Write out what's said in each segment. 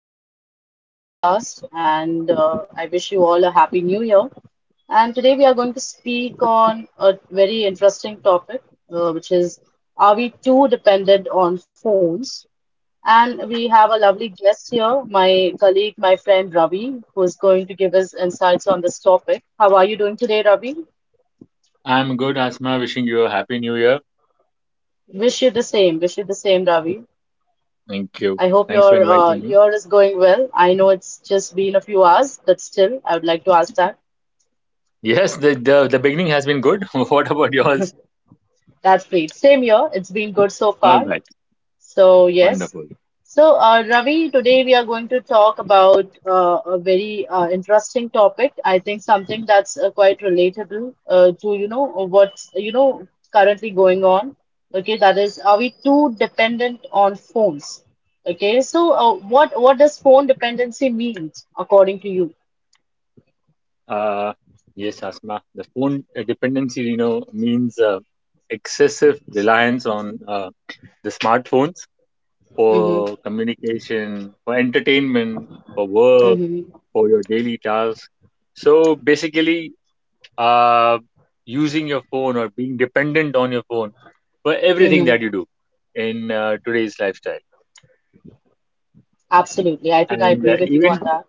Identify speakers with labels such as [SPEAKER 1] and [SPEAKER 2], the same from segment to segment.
[SPEAKER 1] Host for today's podcast, and I wish you all a happy new year. And today we are going to speak on a very interesting topic, which is are we too dependent on phones? And we have a lovely guest here, my colleague, my friend Ravi, who is going to give us insights on this topic. How are you doing today, Ravi?
[SPEAKER 2] I'm good, Asma. Wishing you a happy new year.
[SPEAKER 1] Wish you the same. Wish you the same, Ravi.
[SPEAKER 2] Thank you.
[SPEAKER 1] I hope
[SPEAKER 2] Thanks for
[SPEAKER 1] your
[SPEAKER 2] inviting me.
[SPEAKER 1] year is going well. I know it's just been a few hours, but still, I would like to ask that.
[SPEAKER 2] Yes, the beginning has been good. What about yours?
[SPEAKER 1] That's great. Same year, it's been good so
[SPEAKER 2] All
[SPEAKER 1] far.
[SPEAKER 2] right,
[SPEAKER 1] So, yes.
[SPEAKER 2] wonderful.
[SPEAKER 1] So, Ravi, today we are going to talk about a very interesting topic. I think something that's quite relatable to, currently going on. Okay, that is, are we too dependent on phones? Okay, so what does phone dependency mean according to you?
[SPEAKER 2] Uh, yes, Asma. The phone dependency, you know, means excessive reliance on the smartphones for
[SPEAKER 1] Mm-hmm.
[SPEAKER 2] communication, for entertainment, for work,
[SPEAKER 1] Hmm.
[SPEAKER 2] for your daily tasks. So basically, uh, using your phone or being dependent on your phone for everything
[SPEAKER 1] Hmm.
[SPEAKER 2] that you do in today's lifestyle.
[SPEAKER 1] Absolutely. I think I
[SPEAKER 2] And
[SPEAKER 1] agree with you on
[SPEAKER 2] even
[SPEAKER 1] that.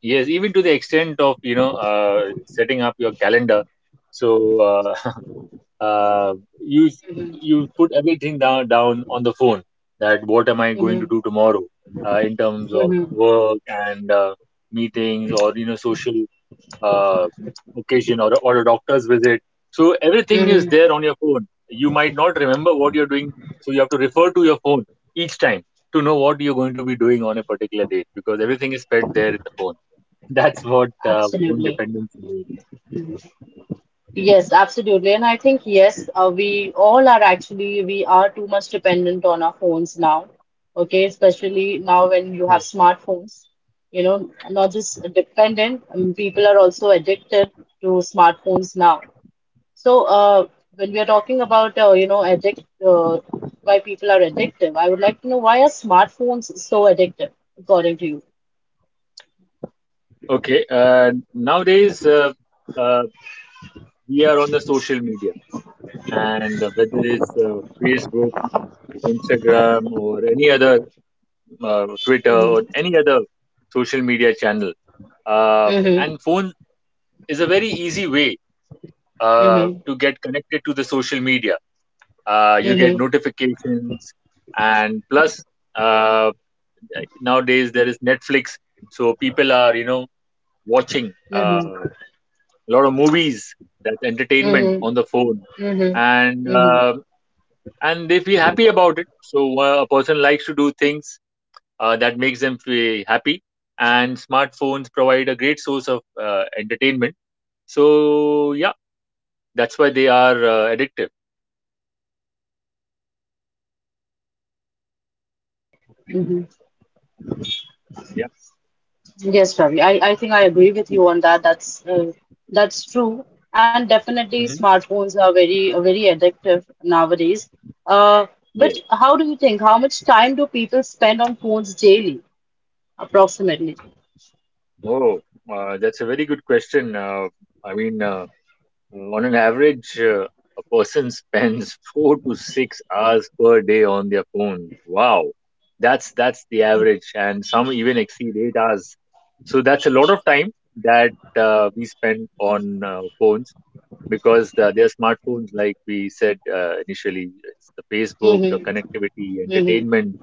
[SPEAKER 2] yes, even to the extent of, you know, setting up your calendar, so uh, you put everything down on the phone. That what am I going to
[SPEAKER 1] Hmm.
[SPEAKER 2] do tomorrow in terms of
[SPEAKER 1] Hmm.
[SPEAKER 2] work and meetings, or, you know, social uh, occasion, or a doctor's visit. So everything is
[SPEAKER 1] Hmm.
[SPEAKER 2] there on your phone. You might not remember what you're doing, so you have to refer to your phone each time to know what you're going to be doing on a particular date, because everything is fed there in the phone. That's what phone
[SPEAKER 1] Absolutely.
[SPEAKER 2] dependency means.
[SPEAKER 1] Yes, absolutely. And I think, yes, we all are actually, we are too much dependent on our phones now. Okay. Especially now when you have
[SPEAKER 2] Yes.
[SPEAKER 1] smartphones, you know, not just dependent, people are also addicted to smartphones now. So, when we are talking about, you know, uh, why people are addictive, I would like to know why are smartphones so addictive, according to you?
[SPEAKER 2] Okay. Nowadays, uh, we are on the social media, and whether it's Facebook, Instagram, or any other Twitter, or
[SPEAKER 1] Mm-hmm.
[SPEAKER 2] any other social media channel.
[SPEAKER 1] Mm-hmm.
[SPEAKER 2] And phone is a very easy way
[SPEAKER 1] Mm-hmm.
[SPEAKER 2] to get connected to the social media. You get
[SPEAKER 1] Mm-hmm.
[SPEAKER 2] notifications, and plus uh, nowadays there is Netflix, so people are, you know, watching
[SPEAKER 1] Mm-hmm.
[SPEAKER 2] a lot of movies. That's entertainment
[SPEAKER 1] Mm-hmm.
[SPEAKER 2] on the phone, and
[SPEAKER 1] Mm-hmm.
[SPEAKER 2] uh, and they feel happy about it. So a person likes to do things that makes them feel happy. And smartphones provide a great source of entertainment. So yeah, that's why they are addictive. Yeah.
[SPEAKER 1] Yes, Ravi. I think I agree with you on that. That's true. And definitely
[SPEAKER 2] Hmm.
[SPEAKER 1] smartphones are very very addictive nowadays. Uh,
[SPEAKER 2] Yeah.
[SPEAKER 1] but how do you think? How much time do people spend on phones daily, approximately?
[SPEAKER 2] Oh, that's a very good question. I mean, on an average, a person spends 4 to 6 hours per day on their phone. Wow, that's the average, and some even exceed 8 hours. So that's a lot of time that we spend on phones, because the, their smartphones, like we said initially, it's the Facebook, your
[SPEAKER 1] Mm-hmm.
[SPEAKER 2] connectivity,
[SPEAKER 1] Mm-hmm.
[SPEAKER 2] entertainment.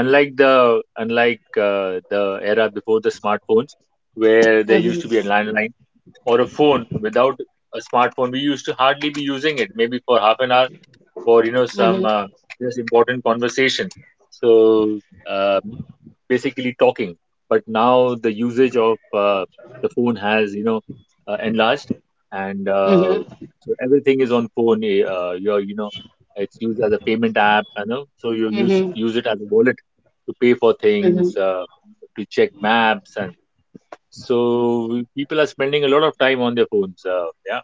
[SPEAKER 2] Unlike the era before the smartphones, where there used to be a
[SPEAKER 1] Mm-hmm.
[SPEAKER 2] landline or a phone. Without a smartphone, we used to hardly be using it, maybe for half an hour for, you know, some,
[SPEAKER 1] Mm-hmm.
[SPEAKER 2] just important conversation. So. um, Basically talking. But now the usage of the phone has, you know, enlarged, and so everything is on phone. You're, you know, it's used as a payment app, you know, so you
[SPEAKER 1] Mm-hmm.
[SPEAKER 2] use it as a wallet to pay for
[SPEAKER 1] Mm-hmm.
[SPEAKER 2] things, to check maps, and so people are spending a lot of time on their phones. Yeah,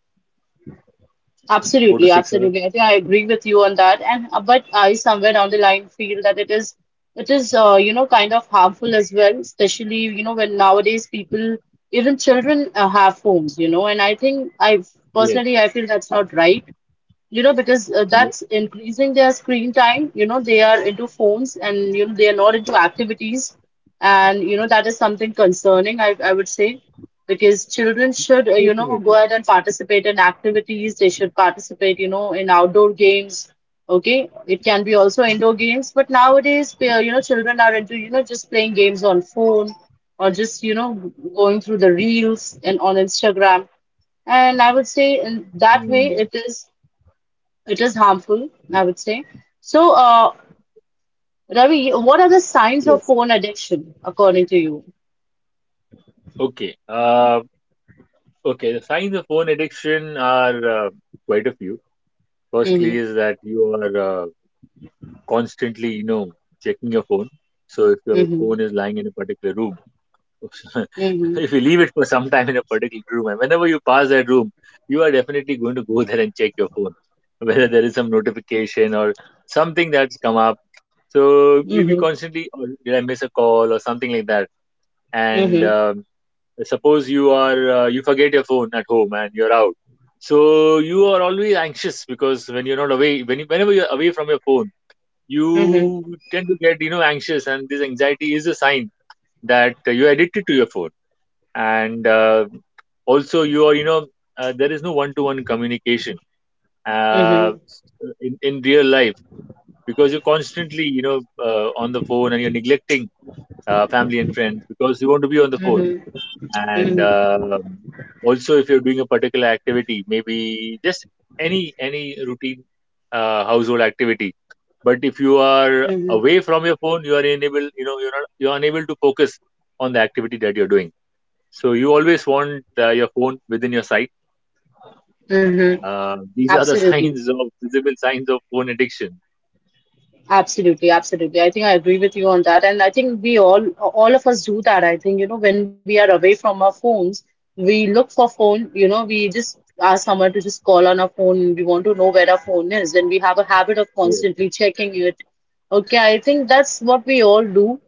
[SPEAKER 2] four to
[SPEAKER 1] Absolutely,
[SPEAKER 2] six hours.
[SPEAKER 1] absolutely. I think I agree with you on that. And but I somewhere down the line feel that it is you know kind of harmful as well, especially you know when nowadays people even children have phones, you know. And I think I
[SPEAKER 2] Yes,
[SPEAKER 1] personally I feel that's not right, you know, because
[SPEAKER 2] yeah,
[SPEAKER 1] that's increasing their screen time. You know, they are into phones and, you know, they are not into activities. And, you know, that is something concerning, I would say, because children should, you know, go
[SPEAKER 2] definitely.
[SPEAKER 1] ahead and participate in activities. They should participate, you know, in outdoor games. Okay. It can be also indoor games. But nowadays, we you know, children are into, you know, just playing games on phone or just, you know, going through the reels and on Instagram. And I would say in that way,
[SPEAKER 2] Hmm.
[SPEAKER 1] it is harmful, I would say. So, Ravi, what are the signs of
[SPEAKER 2] Yes.
[SPEAKER 1] phone addiction according to you?
[SPEAKER 2] Okay. Okay. The signs of phone addiction are quite a few. Firstly,
[SPEAKER 1] Mm-hmm.
[SPEAKER 2] is that you are constantly, you know, checking your phone. So if your
[SPEAKER 1] Mm-hmm.
[SPEAKER 2] phone is lying in a particular room,
[SPEAKER 1] Mm-hmm.
[SPEAKER 2] if you leave it for some time in a particular room, and whenever you pass that room, you are definitely going to go there and check your phone, whether there is some notification or something that's come up. So you'll
[SPEAKER 1] Mm-hmm.
[SPEAKER 2] be constantly, or did I miss a call or something like that? And
[SPEAKER 1] Mm-hmm.
[SPEAKER 2] suppose you are you forget your phone at home and you're out, so you are always anxious because when you're not away when you, whenever you're away from your phone,
[SPEAKER 1] Mm-hmm.
[SPEAKER 2] you tend to get, you know, anxious, and this anxiety is a sign that you're addicted to your phone. And also, you are, you know, there is no one to one communication uh,
[SPEAKER 1] Mm-hmm.
[SPEAKER 2] in real life, because you're constantly, you know, on the phone, and you're neglecting family and friends, because you want to be on the phone.
[SPEAKER 1] Mm-hmm.
[SPEAKER 2] And
[SPEAKER 1] Mm-hmm.
[SPEAKER 2] um, also, if you're doing a particular activity, maybe just any routine household activity, but if you are
[SPEAKER 1] Mm-hmm.
[SPEAKER 2] away from your phone, you are unable, you know, you're not you're unable to focus on the activity that you're doing, so you always want your phone within your sight.
[SPEAKER 1] Mm-hmm.
[SPEAKER 2] These are the
[SPEAKER 1] Absolutely.
[SPEAKER 2] signs of, visible signs of phone addiction.
[SPEAKER 1] Absolutely, absolutely. I think I agree with you on that. And I think we all of us do that. I think, you know, when we are away from our phones, we look for phone, you know, we just ask someone to just call on our phone, we want to know where our phone is. And we have a habit of
[SPEAKER 2] Yes.
[SPEAKER 1] constantly checking it. Okay, I think that's what we all do.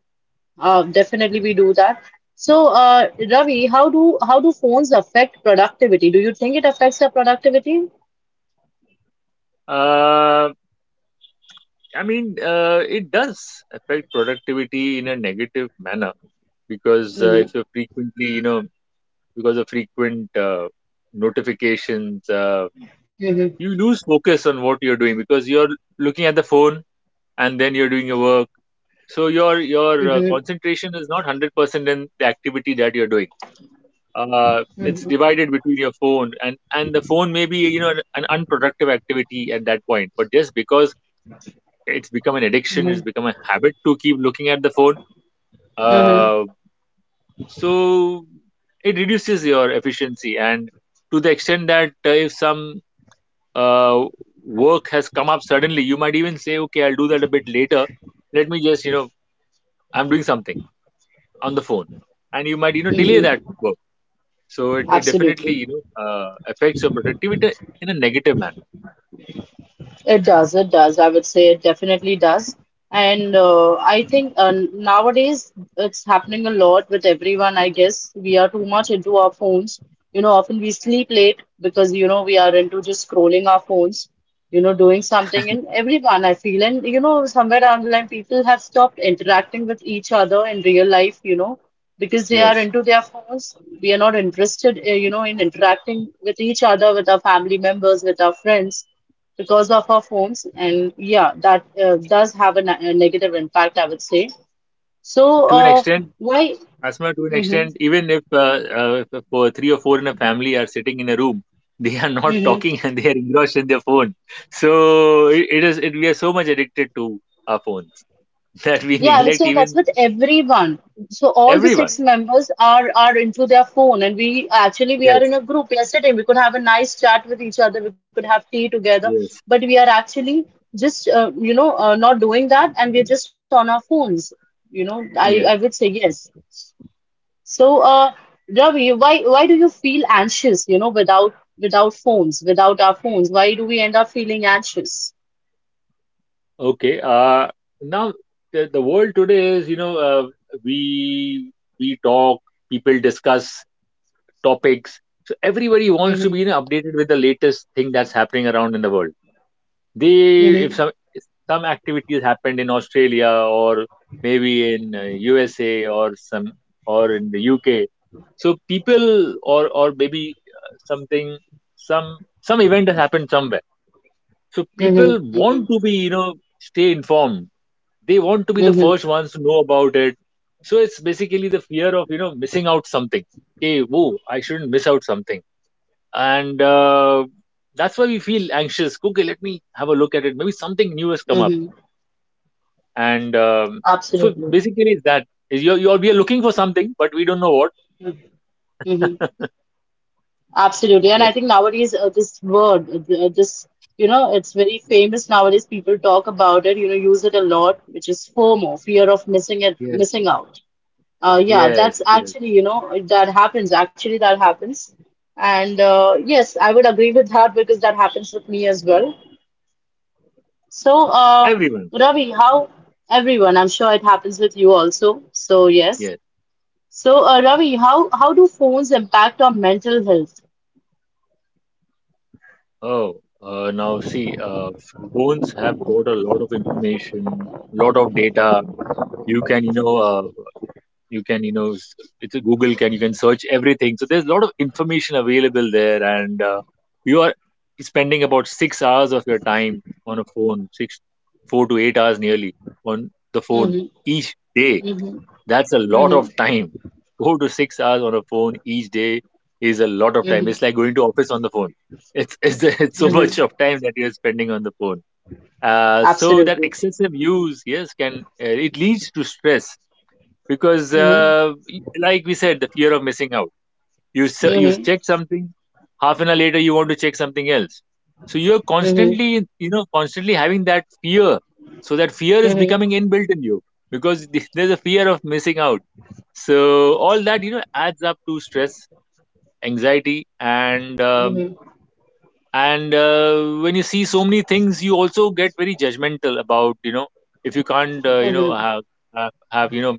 [SPEAKER 1] Definitely we do that. So, Ravi, how do phones affect productivity? Do you think it affects our productivity?
[SPEAKER 2] Uh, I mean, it does affect productivity in a negative manner, because if
[SPEAKER 1] Mm-hmm,
[SPEAKER 2] you're frequently, you know, because of frequent notifications,
[SPEAKER 1] mm-hmm,
[SPEAKER 2] you lose focus on what you're doing because you're looking at the phone and then you're doing your work, so your
[SPEAKER 1] mm-hmm,
[SPEAKER 2] concentration is not 100% in the activity that you're doing. It's
[SPEAKER 1] mm-hmm,
[SPEAKER 2] divided between your phone and the phone, may be, you know, an unproductive activity at that point, but just because it's become an addiction,
[SPEAKER 1] mm-hmm,
[SPEAKER 2] it's become a habit to keep looking at the phone.
[SPEAKER 1] mm-hmm.
[SPEAKER 2] uh, so it reduces your efficiency, and to the extent that if some uh, work has come up suddenly, you might even say, okay, I'll do that a bit later. Let me just, you know, I'm doing something on the phone. And you might, you know, delay that
[SPEAKER 1] Mm-hmm.
[SPEAKER 2] work. So it definitely,
[SPEAKER 1] Absolutely.
[SPEAKER 2] you know, affects your productivity in a negative manner.
[SPEAKER 1] It does. It does. I would say it definitely does. And I think nowadays it's happening a lot with everyone, I guess. We are too much into our phones. You know, often we sleep late because, you know, we are into just scrolling our phones, you know, doing something. And everyone, I feel, and, you know, somewhere online, people have stopped interacting with each other in real life, you know, because they are
[SPEAKER 2] Yes.
[SPEAKER 1] into their phones. We are not interested, you know, in interacting with each other, with our family members, with our friends, because of our phones. And yeah, that does have a, a negative impact, I would say. so
[SPEAKER 2] To an
[SPEAKER 1] uh,
[SPEAKER 2] extent,
[SPEAKER 1] why
[SPEAKER 2] Asma, to an
[SPEAKER 1] hmm
[SPEAKER 2] extent, even if for three or four in a family are sitting in a room, they are not
[SPEAKER 1] hmm.
[SPEAKER 2] talking and they are engrossed in their phone. So we are so much addicted to our phones that we
[SPEAKER 1] Yeah, I would say
[SPEAKER 2] neglect
[SPEAKER 1] that's
[SPEAKER 2] even
[SPEAKER 1] with everyone. So all the
[SPEAKER 2] everyone.
[SPEAKER 1] six members are into their phone and we actually we are
[SPEAKER 2] Yes.
[SPEAKER 1] in a group yesterday, we could have a nice chat with each other, we could have tea together,
[SPEAKER 2] Yes,
[SPEAKER 1] but we are actually just you know not doing that and we're just on our phones, you know. I
[SPEAKER 2] yes.
[SPEAKER 1] would say yes. So, Ravi, why do you feel anxious, you know, without phones, without our phones? Why do we end up feeling anxious?
[SPEAKER 2] Okay. Now the world today is, you know, we talk, people discuss topics. So everybody wants to be, you
[SPEAKER 1] Mm-hmm.
[SPEAKER 2] know, updated with the latest thing that's happening around in the world. They, if
[SPEAKER 1] Mm-hmm.
[SPEAKER 2] some if some activities happened in Australia or maybe in USA, or some, or in the UK, so people, or maybe some event has happened somewhere. So
[SPEAKER 1] Mm-hmm.
[SPEAKER 2] people
[SPEAKER 1] Mm-hmm.
[SPEAKER 2] want to be, you know, stay informed. They want to be the
[SPEAKER 1] Mm-hmm.
[SPEAKER 2] first ones to know about it. So it's basically the fear of, you know, missing out something. Okay, whoa, I shouldn't miss out something. And that's why we feel anxious. Okay, let me have a look at it. Maybe something new has come up.
[SPEAKER 1] Mm-hmm.
[SPEAKER 2] And so
[SPEAKER 1] Absolutely.
[SPEAKER 2] basically it's that. Is You're, we are looking for something, but we don't know what.
[SPEAKER 1] Mm-hmm. Absolutely. And I
[SPEAKER 2] Yes,
[SPEAKER 1] think nowadays this word, th- this, you know, it's very famous nowadays. People talk about it, you know, use it a lot, which is FOMO, fear of missing it,
[SPEAKER 2] yes,
[SPEAKER 1] missing out. Yeah, that's
[SPEAKER 2] yes, yes.
[SPEAKER 1] actually, you know, that happens. Actually, that happens. And yes, I would agree with that because that happens with me as well. So,
[SPEAKER 2] Everyone.
[SPEAKER 1] Ravi, how everyone, I'm sure it happens with you also. So, yes.
[SPEAKER 2] Yes.
[SPEAKER 1] So, Ravi, how do phones impact on mental health?
[SPEAKER 2] Oh, now see, phones have got a lot of information, lot of data. You can, you know, you can, you know, it's a Google, can you can search everything. So there's a lot of information available there, and you are spending about 6 hours of your time on a phone, six, 4 to 8 hours nearly on the phone
[SPEAKER 1] Mm-hmm,
[SPEAKER 2] each day.
[SPEAKER 1] mm-hmm,
[SPEAKER 2] That's a lot
[SPEAKER 1] mm-hmm,
[SPEAKER 2] of time. 4 to 6 hours on a phone each day is a lot of time.
[SPEAKER 1] mm-hmm,
[SPEAKER 2] It's like going to office on the phone. It's so much of
[SPEAKER 1] mm-hmm.
[SPEAKER 2] time that you're spending on the phone. So that
[SPEAKER 1] Absolutely.
[SPEAKER 2] excessive use, yes, can it leads to stress, because,
[SPEAKER 1] Mm-hmm,
[SPEAKER 2] like we said, the fear of missing out, you you
[SPEAKER 1] mm-hmm,
[SPEAKER 2] check something half an hour later, you want to check something else, so you're constantly,
[SPEAKER 1] mm-hmm,
[SPEAKER 2] you know, constantly having that fear, so that fear is becoming inbuilt in you, because there's a fear of missing out, so all that, you know, adds up to stress, anxiety, and um,
[SPEAKER 1] mm-hmm,
[SPEAKER 2] and uh, when you see so many things, you also get very judgmental about, you know, if you can't, you know,
[SPEAKER 1] mm-hmm,
[SPEAKER 2] have, you know,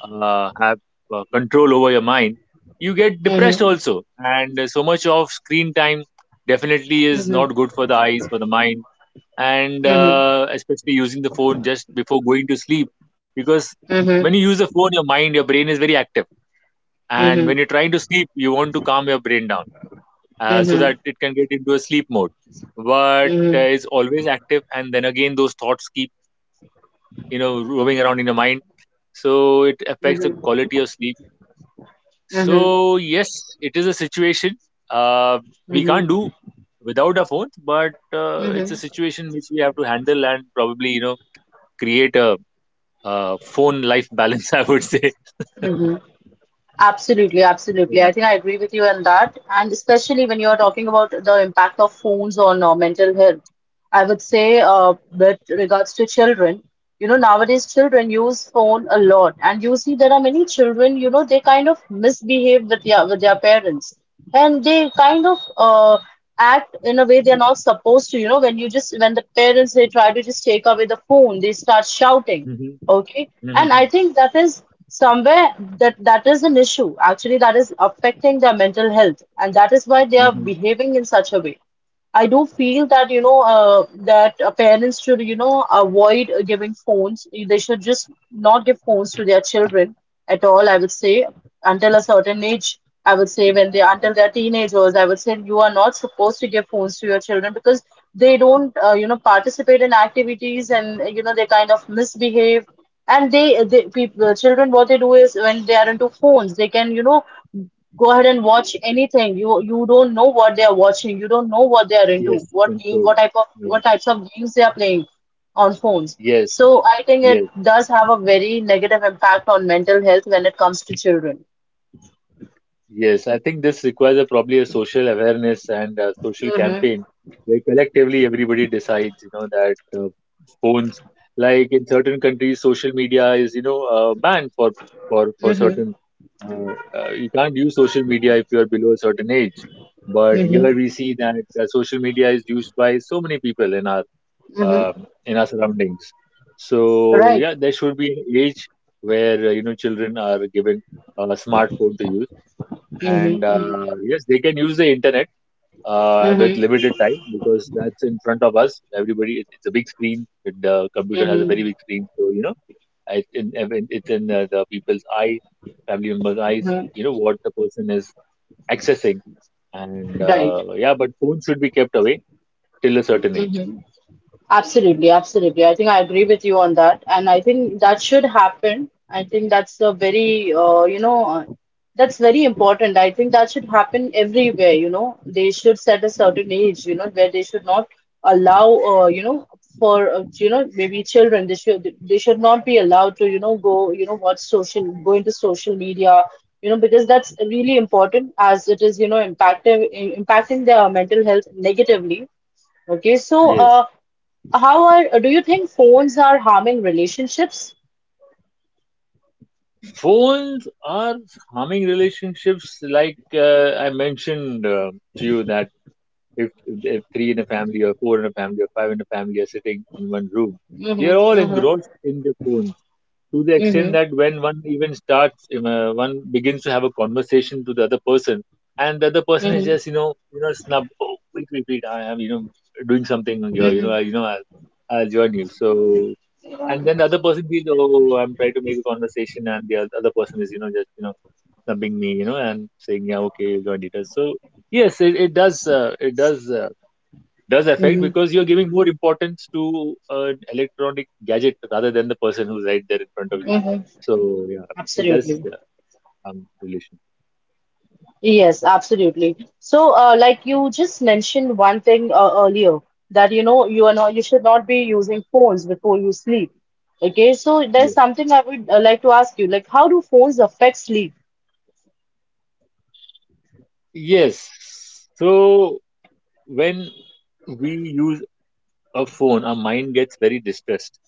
[SPEAKER 2] have control over your mind, you get depressed
[SPEAKER 1] mm-hmm,
[SPEAKER 2] also. And so much of screen time definitely
[SPEAKER 1] mm-hmm,
[SPEAKER 2] is
[SPEAKER 1] mm-hmm,
[SPEAKER 2] not
[SPEAKER 1] mm-hmm,
[SPEAKER 2] good for the eyes, for the mind, and
[SPEAKER 1] mm-hmm.
[SPEAKER 2] uh, especially using the phone just before going to sleep. Because
[SPEAKER 1] Mm-hmm.
[SPEAKER 2] when you use the phone, your brain is very active.
[SPEAKER 1] Mm-hmm,
[SPEAKER 2] And
[SPEAKER 1] mm-hmm,
[SPEAKER 2] when you're trying to sleep, you want to calm your brain down, so that it can get into a sleep mode. But
[SPEAKER 1] mm-hmm.
[SPEAKER 2] it's always active, and then again, those thoughts keep, you know, roaming around in your mind, so it affects the
[SPEAKER 1] Mm-hmm.
[SPEAKER 2] quality of sleep.
[SPEAKER 1] Mm-hmm.
[SPEAKER 2] So yes, it is a situation. Uh, we can't do
[SPEAKER 1] Mm-hmm.
[SPEAKER 2] without our phones, but it's a
[SPEAKER 1] Mm-hmm.
[SPEAKER 2] situation which we have to handle, and probably, you know, create a, uh, phone life balance. I would say.
[SPEAKER 1] Mm-hmm. Absolutely, absolutely.
[SPEAKER 2] Yeah.
[SPEAKER 1] I think I agree with you on that. And especially when you are talking about the impact of phones on mental health, I would say, with regards to children, you know, nowadays children use phone a lot, and you see there are many children, you know, they kind of misbehave with their parents, and they kind of act in a way they're not supposed to. You know, when you just when the parents they try to just take away the phone, they start shouting.
[SPEAKER 2] Mm-hmm.
[SPEAKER 1] Okay. And
[SPEAKER 2] Mm-hmm.
[SPEAKER 1] I think that is somewhere that that is an issue. Actually, that is affecting their mental health, and that is why they are
[SPEAKER 2] Mm-hmm.
[SPEAKER 1] behaving in such a way. I do feel that parents should you know avoid giving phones. They should just not give phones to their children at all. I would say until a certain age. I would say when they until they're teenagers. I would say you are not supposed to give phones to your children because they don't you know participate in activities and you know they kind of misbehave. And they people, children, what they do is when they are into phones, they can you know go ahead and watch anything. You don't know what they are watching. You don't know what they are into.
[SPEAKER 2] Yes,
[SPEAKER 1] What game,
[SPEAKER 2] control. Yes.
[SPEAKER 1] what types of games they are playing on phones.
[SPEAKER 2] Yes.
[SPEAKER 1] So I think it
[SPEAKER 2] Yes.
[SPEAKER 1] does have a very negative impact on mental health when it comes to children.
[SPEAKER 2] Yes, I think this requires a, probably a social awareness and a social
[SPEAKER 1] Mm-hmm.
[SPEAKER 2] campaign where collectively everybody decides, you know, that phones, like in certain countries, social media is, you know, banned for for
[SPEAKER 1] Mm-hmm.
[SPEAKER 2] certain. You can't use social media if you are below a certain age. But
[SPEAKER 1] Mm-hmm.
[SPEAKER 2] here we see that social media is used by so many people
[SPEAKER 1] Mm-hmm.
[SPEAKER 2] in our surroundings. So
[SPEAKER 1] Right.
[SPEAKER 2] yeah, there should be an age where you know children are given a smartphone to use and
[SPEAKER 1] Mm-hmm.
[SPEAKER 2] yes they can use the internet with
[SPEAKER 1] Mm-hmm.
[SPEAKER 2] limited time because that's in front of us everybody it's a big screen, the computer has a very
[SPEAKER 1] Mm-hmm.
[SPEAKER 2] big screen so you know it's in, it's in the people's eye, the family member's eyes,
[SPEAKER 1] Mm-hmm.
[SPEAKER 2] you know what the person is accessing and
[SPEAKER 1] Right.
[SPEAKER 2] yeah, but phones should be kept away till a certain age.
[SPEAKER 1] Absolutely, absolutely. I think I agree with you on that, and I think that should happen. I think that's a very, that's very important. I think that should happen everywhere. You know, they should set a certain age, you know, where they should not allow, you know, for you know maybe children. They should not be allowed to, you know, watch social, go into social media, you know, because that's really important as it is, you know, impacting their mental health negatively. Okay, so
[SPEAKER 2] Yes,
[SPEAKER 1] uh. How are, do you think phones are harming relationships?
[SPEAKER 2] phones are harming relationships. Like I mentioned to you that if three in a family or four in a family or five in a family are sitting in one room, they are
[SPEAKER 1] Mm-hmm,
[SPEAKER 2] all
[SPEAKER 1] mm-hmm,
[SPEAKER 2] engrossed in their phones to the
[SPEAKER 1] mm-hmm,
[SPEAKER 2] extent that when one even starts, one begins to have a conversation to the other person, and the other person
[SPEAKER 1] mm-hmm,
[SPEAKER 2] is just you know snubbed. Oh, wait, I am you know doing something here. You know
[SPEAKER 1] mm-hmm,
[SPEAKER 2] you know I'll join you. So and then the other person feels oh, I'm trying to make a conversation, and the other person is you know just you know snubbing me. You know and saying yeah, okay, you joined it. So yes, it does it does affect
[SPEAKER 1] mm-hmm,
[SPEAKER 2] because you're giving more importance to an electronic gadget rather than the person who's right there in front of you.
[SPEAKER 1] mm-hmm.
[SPEAKER 2] So yeah, it does
[SPEAKER 1] Absolutely.
[SPEAKER 2] harm relationship.
[SPEAKER 1] Yes, absolutely. So, like you just mentioned one thing earlier that you know you are not you should not be using phones before you sleep. Okay, so there's
[SPEAKER 2] Yes.
[SPEAKER 1] something I would like to ask you, like how do phones affect sleep?
[SPEAKER 2] Yes. So when we use a phone, our mind gets very distressed.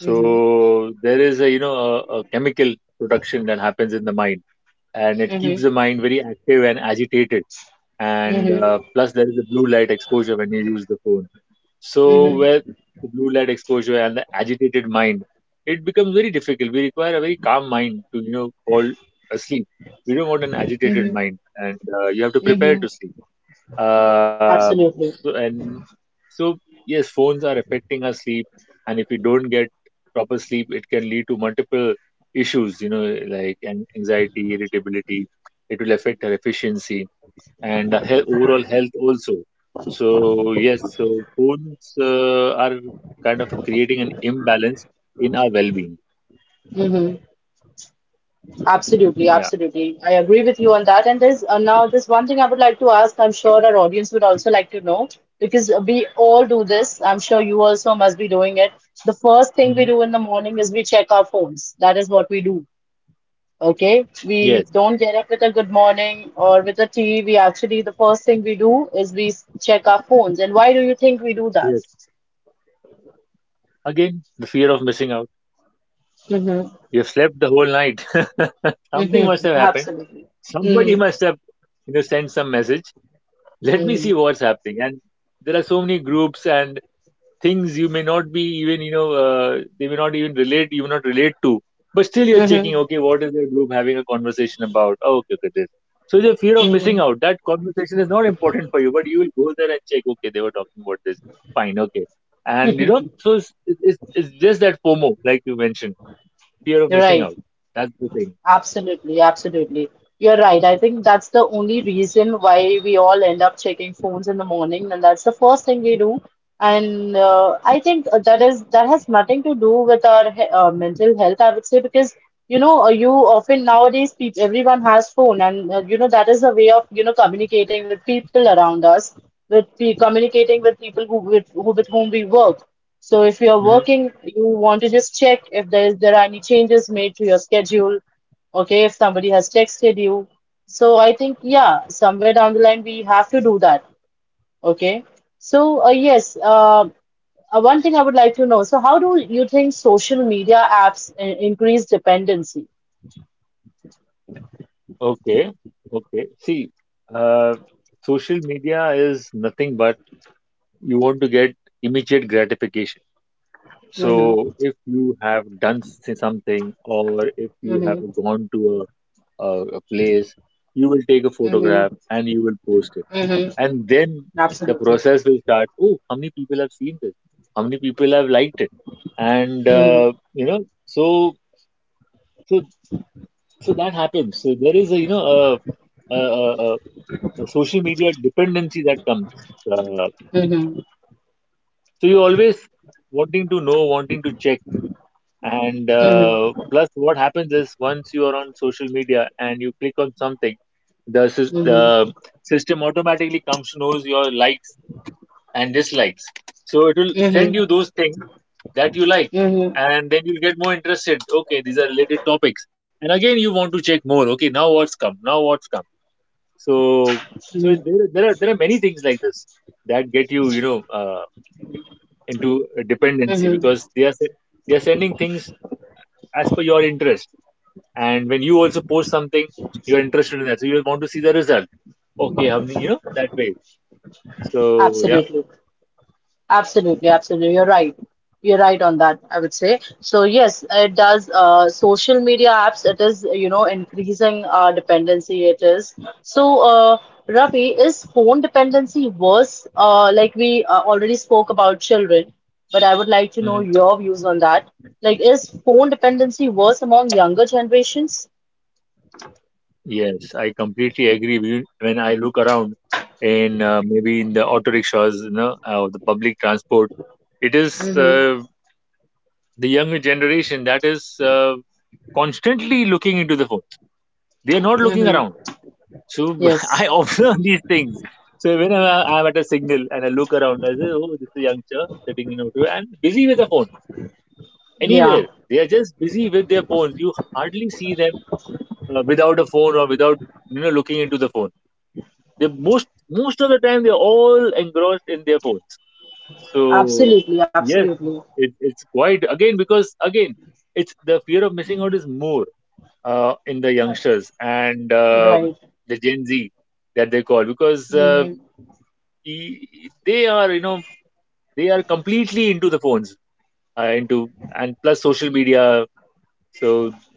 [SPEAKER 1] Mm-hmm,
[SPEAKER 2] there is a you know a chemical production that happens in the mind, and it keeps
[SPEAKER 1] mm-hmm,
[SPEAKER 2] the mind very active and agitated. And
[SPEAKER 1] mm-hmm,
[SPEAKER 2] plus, there is a blue light exposure when you use the phone. So, with
[SPEAKER 1] mm-hmm,
[SPEAKER 2] the blue light exposure and the agitated mind, it becomes very difficult. We require a very calm mind to, you know, fall asleep. We don't want an agitated
[SPEAKER 1] mm-hmm,
[SPEAKER 2] mind, and you have to prepare
[SPEAKER 1] mm-hmm.
[SPEAKER 2] to sleep. Uh, so,
[SPEAKER 1] Absolutely.
[SPEAKER 2] and so, yes, phones are affecting our sleep, and if we don't get proper sleep, it can lead to multiple issues, you know, like an anxiety, irritability. It will affect our efficiency and the overall health also. So yes, so phones are kind of creating an imbalance in our well-being.
[SPEAKER 1] Absolutely,
[SPEAKER 2] Yeah.
[SPEAKER 1] absolutely. I agree with you on that. And there's now there's one thing I would like to ask. I'm sure our audience would also like to know because we all do this. I'm sure you also must be doing it. The first thing we
[SPEAKER 2] Hmm.
[SPEAKER 1] do in the morning is we check our phones. That is what we do. Okay, we
[SPEAKER 2] Yes.
[SPEAKER 1] don't get up with a good morning or with a tea. We actually the first thing we do is we check our phones. And why do you think we do that?
[SPEAKER 2] Yes. Again, the fear of missing out.
[SPEAKER 1] Mm-hmm.
[SPEAKER 2] You have slept the whole night. Something must
[SPEAKER 1] Mm-hmm.
[SPEAKER 2] have happened.
[SPEAKER 1] Absolutely.
[SPEAKER 2] Somebody
[SPEAKER 1] Mm-hmm.
[SPEAKER 2] must have, you know, sent some message. Let me
[SPEAKER 1] Mm-hmm.
[SPEAKER 2] see what's happening. And there are so many groups and things you may not be even you know they may not even relate, you may not relate to, but still you're checking
[SPEAKER 1] Mm-hmm.
[SPEAKER 2] okay what is the group having a conversation about. Oh, okay, okay, this. So the fear of missing
[SPEAKER 1] Mm-hmm.
[SPEAKER 2] out, that conversation is not important for you, but you will go there and check okay they were talking about this, fine, okay, and you know. So it's just that fomo, like you mentioned, fear of missing
[SPEAKER 1] Right.
[SPEAKER 2] out, that's the thing.
[SPEAKER 1] Absolutely, absolutely. You're right. I think that's the only reason why we all end up checking phones in the morning, and that's the first thing we do. And I think that has nothing to do with our he mental health, I would say, because you often nowadays peop everyone has phone, and you know that is a way of communicating with people around us, with pe communicating with people who with whom we work. So if you're
[SPEAKER 2] Hmm.
[SPEAKER 1] working, you want to just check if there are any changes made to your schedule. Okay, if somebody has texted you. So I think, yeah, somewhere down the line we have to do that. Okay. So, uh, yes, uh, one thing I would like to know. So, how do you think social media apps increase dependency?
[SPEAKER 2] Okay. Okay, see, uh, social media is nothing but you want to get immediate gratification. So
[SPEAKER 1] Mm-hmm.
[SPEAKER 2] if you have done something or if you have
[SPEAKER 1] Mm-hmm.
[SPEAKER 2] gone to a place, you will take a photograph
[SPEAKER 1] Mm-hmm.
[SPEAKER 2] and you will post it.
[SPEAKER 1] Mm-hmm.
[SPEAKER 2] And then the
[SPEAKER 1] Absolutely.
[SPEAKER 2] process will start. Oh, how many people have seen this? How many people have liked it? And
[SPEAKER 1] Mm-hmm.
[SPEAKER 2] you know, so so so that happens. So there is a you know a, a, a, a a social media dependency that comes. Uh,
[SPEAKER 1] Mm-hmm.
[SPEAKER 2] so you're always wanting to know, wanting to check. And
[SPEAKER 1] Mm-hmm.
[SPEAKER 2] plus, what happens is once you are on social media and you click on something, the the
[SPEAKER 1] Mm-hmm.
[SPEAKER 2] system automatically comes to knows your likes and dislikes. So it will send
[SPEAKER 1] Mm-hmm.
[SPEAKER 2] you those things that you like,
[SPEAKER 1] Mm-hmm.
[SPEAKER 2] and then you'll get more interested. Okay, these are related topics, and again you want to check more. Okay, now what's come? Now what's come? So so there are many things like this that get you you know into a dependency
[SPEAKER 1] Mm-hmm.
[SPEAKER 2] because they are they are sending things as per your interest, and when you also post something you're interested in that so you want to see the result okay how many you know, that way. So yeah.
[SPEAKER 1] Absolutely. Absolutely, absolutely. You're right. You're right on that, I would say. So yes, it does. Social media apps, it is, you know, increasing our dependency. It is. So, Ravi, is phone dependency worse? Like we already spoke about children, but I would like to know
[SPEAKER 2] Hmm.
[SPEAKER 1] your views on that. Like, is phone dependency worse among younger generations?
[SPEAKER 2] Yes, I completely agree with you. When I look around in maybe in the auto rickshaws, you know the public transport, it is
[SPEAKER 1] Mm-hmm.
[SPEAKER 2] the younger generation that is constantly looking into the phone. They are not looking
[SPEAKER 1] Mm-hmm.
[SPEAKER 2] around. So I
[SPEAKER 1] Yes.
[SPEAKER 2] observe these things. So whenever I'm at a signal and I look around I say oh, this is a youngster sitting in auto and busy with the phone
[SPEAKER 1] Yeah.
[SPEAKER 2] anywhere. They are just busy with their phones. You hardly see them without a phone or without you know looking into the phone. They most of the time they're all engrossed in their phones. So
[SPEAKER 1] Absolutely.
[SPEAKER 2] yes,
[SPEAKER 1] Absolutely.
[SPEAKER 2] it's quite again because again it's the fear of
[SPEAKER 1] Uh,
[SPEAKER 2] missing out is more in the youngsters and
[SPEAKER 1] Right.
[SPEAKER 2] the Gen Z that they call because
[SPEAKER 1] Mm-hmm.
[SPEAKER 2] they are you know they are completely into the phones into, and plus social media. So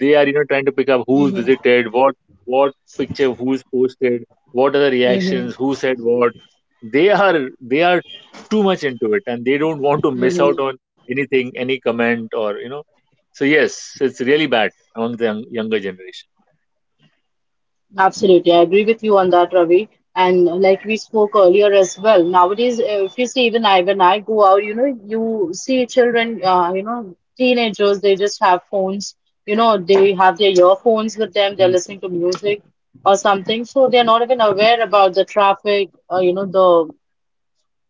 [SPEAKER 2] they are you know trying to pick up who's
[SPEAKER 1] Mhm,
[SPEAKER 2] visited, what picture who's posted, what are the reactions,
[SPEAKER 1] mhm,
[SPEAKER 2] who said what. They are too much into it and they don't want to miss out
[SPEAKER 1] mhm.
[SPEAKER 2] on anything, any comment or you know. So yes, it's really bad among the younger generation.
[SPEAKER 1] Absolutely, I agree with you on that, Ravi. And like we spoke earlier as well, nowadays, if you see, even I, when I go out, you know, you see children, you know, teenagers, they just have phones, you know, they have their earphones with them, they're
[SPEAKER 2] Hmm.
[SPEAKER 1] listening to music or something, so they're not even aware about the traffic, you know, the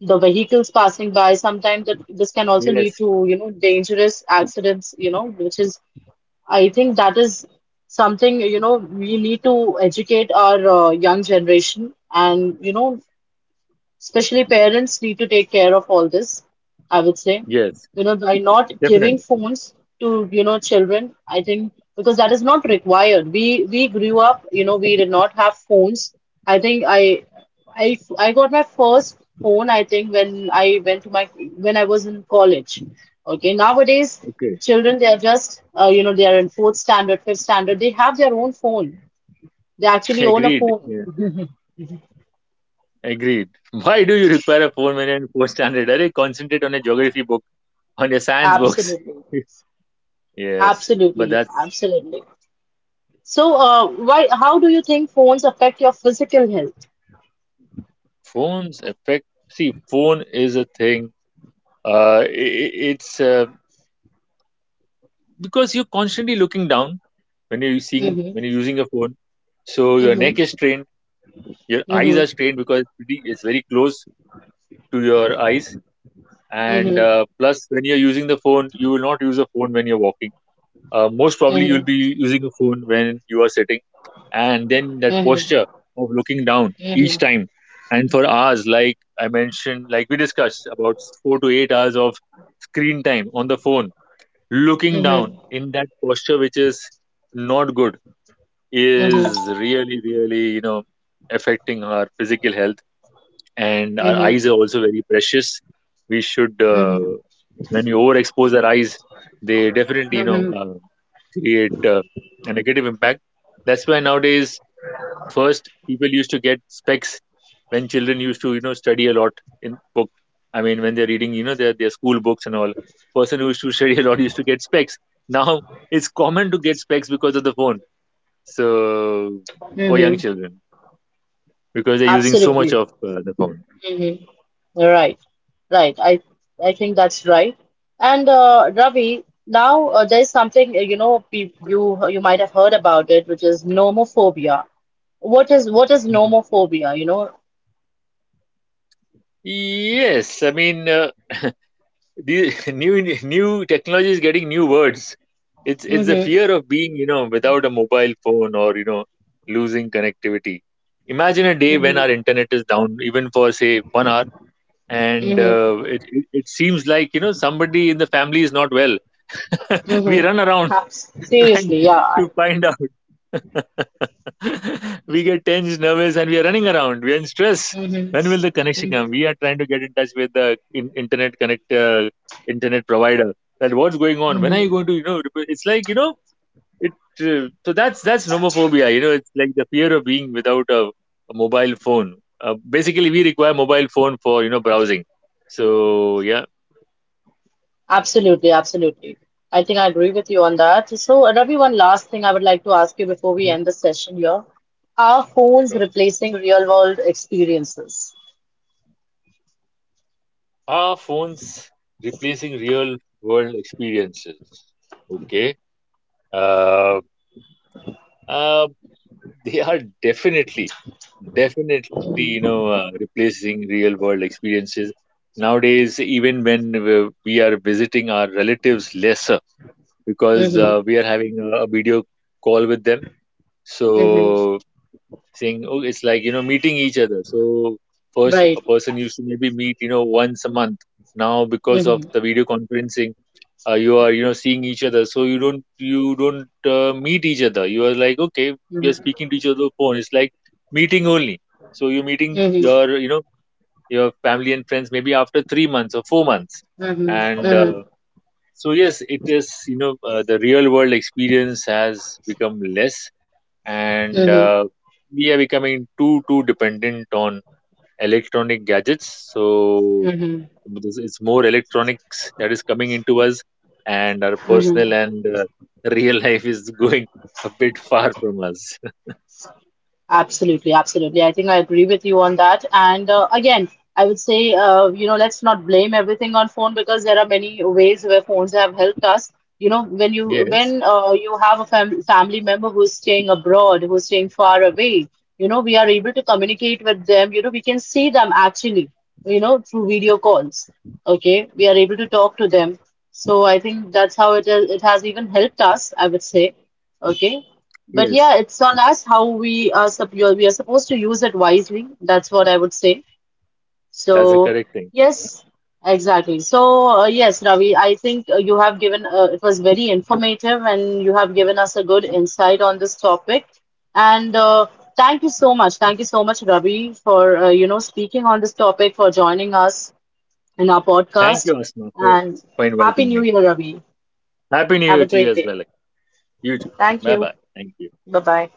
[SPEAKER 1] the vehicles passing by. Sometimes that this can also lead
[SPEAKER 2] Yes,
[SPEAKER 1] to, you know, dangerous accidents, you know, which is I think that is something, you know, we need to educate our young generation and, you know, especially parents need to take care of all this, I would say.
[SPEAKER 2] yes,
[SPEAKER 1] You know, by not giving
[SPEAKER 2] definitely.
[SPEAKER 1] phones to, you know, children, I think because that is not required. We grew up, you know, we did not have phones. I think I I got my first phone, I think, when I went to my when I was in college. Okay, nowadays
[SPEAKER 2] Okay,
[SPEAKER 1] children they are just you know they are in fourth standard, fifth standard. They have their own phone. They actually own a
[SPEAKER 2] agreed.
[SPEAKER 1] phone.
[SPEAKER 2] Yeah, agreed. Why do you require a phone when you're in fourth standard? Are concentrate on a geography book, on your science books?
[SPEAKER 1] Absolutely,
[SPEAKER 2] Yes, but
[SPEAKER 1] absolutely,
[SPEAKER 2] that's
[SPEAKER 1] absolutely. So, why, how do you think phones affect your physical health?
[SPEAKER 2] phones affect, see phone is a thing I it's because you're constantly looking down when
[SPEAKER 1] Mm-hmm.
[SPEAKER 2] you're using a phone, so your
[SPEAKER 1] Mm-hmm.
[SPEAKER 2] neck is strained, your eyes are
[SPEAKER 1] Mm-hmm.
[SPEAKER 2] strained because it's very close to your eyes. And
[SPEAKER 1] Mm-hmm.
[SPEAKER 2] plus when you're using the phone you will not use a phone when you're walking. Most probably,
[SPEAKER 1] Mm-hmm.
[SPEAKER 2] you'll be using a phone when you are sitting, and then
[SPEAKER 1] Mm-hmm.
[SPEAKER 2] that
[SPEAKER 1] Mm-hmm.
[SPEAKER 2] posture of looking down each time, and for hours, like I mentioned, like we discussed, about 4 to 8 hours of screen time on the phone, looking
[SPEAKER 1] Mm-hmm.
[SPEAKER 2] down in that posture, which is not good,
[SPEAKER 1] Mm-hmm.
[SPEAKER 2] is really, really, you know, affecting our physical health, and our eyes are also very precious. We should, when you overexpose our eyes, they definitely, you know,
[SPEAKER 1] Mm-hmm.
[SPEAKER 2] create a negative impact. That's why nowadays, first people used to get specs when children used to you know study a lot in book. When they're reading, you know, their school books and all. Person who used to study a lot used to get specs. Now it's common to get specs because of the phone. So for young
[SPEAKER 1] Mm-hmm.
[SPEAKER 2] children, because they're using so much
[SPEAKER 1] Absolutely.
[SPEAKER 2] of the phone.
[SPEAKER 1] Mm-hmm. Right. Right. I think that's right. And Ravi, now there's something you know you might have heard about it, which is nomophobia. What is
[SPEAKER 2] Mhm.
[SPEAKER 1] nomophobia? You know.
[SPEAKER 2] Yes, I mean. The new technology is getting new words. It's the
[SPEAKER 1] Mm-hmm.
[SPEAKER 2] fear of being you know without a mobile phone or you know losing connectivity. Imagine a day when our internet is down even for say 1 hour, and
[SPEAKER 1] Mm-hmm.
[SPEAKER 2] it seems like you know somebody in the family is not well. We run
[SPEAKER 1] Mm-hmm.
[SPEAKER 2] around,
[SPEAKER 1] Abs
[SPEAKER 2] trying
[SPEAKER 1] seriously, yeah. I,
[SPEAKER 2] to find out. We get tense, nervous, and we are running around. We are in stress.
[SPEAKER 1] hmm
[SPEAKER 2] When will
[SPEAKER 1] hmm.
[SPEAKER 2] the connection come? We are trying to get in touch with the internet connect internet provider. That what's going on? When are you going to you know? It's like you know it. So that's nomophobia. You know, it's like the fear of being without a, a mobile phone. Basically, we require mobile phone for you know browsing. So yeah.
[SPEAKER 1] Absolutely, absolutely. I think I agree with you on that. So, Ravi, one last thing I would like to ask you before we
[SPEAKER 2] Mhm.
[SPEAKER 1] end the session here. Are phones
[SPEAKER 2] Sure.
[SPEAKER 1] replacing real world experiences?
[SPEAKER 2] Are phones replacing real world experiences? Okay. Uh, Uh, they are definitely, definitely, you
[SPEAKER 1] Mm-hmm.
[SPEAKER 2] know, replacing real world experiences. Nowadays, even when we are visiting our relatives lesser because
[SPEAKER 1] Mm-hmm.
[SPEAKER 2] we are having a video call with them.
[SPEAKER 1] Mm-hmm.
[SPEAKER 2] So, saying, oh, it's like, you know, meeting each other. So, first,
[SPEAKER 1] Right.
[SPEAKER 2] a person used to maybe meet, you know, once a month. Now, because of
[SPEAKER 1] Mm-hmm.
[SPEAKER 2] the video conferencing, you are you know seeing each other so you don't meet each other, you are like okay we are
[SPEAKER 1] Mm-hmm.
[SPEAKER 2] speaking to each other on phone it's like meeting only. So you're meeting
[SPEAKER 1] Mm-hmm.
[SPEAKER 2] your you know your family and friends maybe after 3 months or 4 months,
[SPEAKER 1] Mm-hmm.
[SPEAKER 2] and so yes it is you know the real world experience has become less. And
[SPEAKER 1] Mm-hmm.
[SPEAKER 2] we are becoming too dependent on electronic gadgets. So
[SPEAKER 1] Mm-hmm.
[SPEAKER 2] because it's more electronics that is coming into us, and our
[SPEAKER 1] Mm-hmm.
[SPEAKER 2] personal and real life is going a bit far from us.
[SPEAKER 1] Absolutely, absolutely. I think I agree with you on that. And Again, I would say, you know, let's not blame everything on phone because there are many ways where phones have helped us. You know, when you
[SPEAKER 2] Yes,
[SPEAKER 1] when uh, you have a family member who's staying abroad, who's staying far away, you know, we are able to communicate with them. You know, we can see them actually, you know, through video calls. Okay, we are able to talk to them. So I think that's how it is. It has even helped us, I would say. Okay. But
[SPEAKER 2] yes,
[SPEAKER 1] yeah, it's on us how we are supposed to use it wisely. That's what I would say. So
[SPEAKER 2] that's a correct thing,
[SPEAKER 1] yes,
[SPEAKER 2] yeah.
[SPEAKER 1] exactly. So yes, Ravi, I think you have given it was very informative, and you have given us a good insight on this topic. And Thank you so much, thank you so much, Ravi, for you know speaking on this topic, for joining us in our
[SPEAKER 2] Thank you,
[SPEAKER 1] podcast.
[SPEAKER 2] Asma,
[SPEAKER 1] And
[SPEAKER 2] for
[SPEAKER 1] happy
[SPEAKER 2] inviting
[SPEAKER 1] New
[SPEAKER 2] me.
[SPEAKER 1] Year, Ravi.
[SPEAKER 2] Happy new
[SPEAKER 1] Have
[SPEAKER 2] year
[SPEAKER 1] a
[SPEAKER 2] to you
[SPEAKER 1] great
[SPEAKER 2] as
[SPEAKER 1] day.
[SPEAKER 2] well. You too.
[SPEAKER 1] Thank
[SPEAKER 2] Bye
[SPEAKER 1] you.
[SPEAKER 2] bye, thank you.
[SPEAKER 1] Bye bye.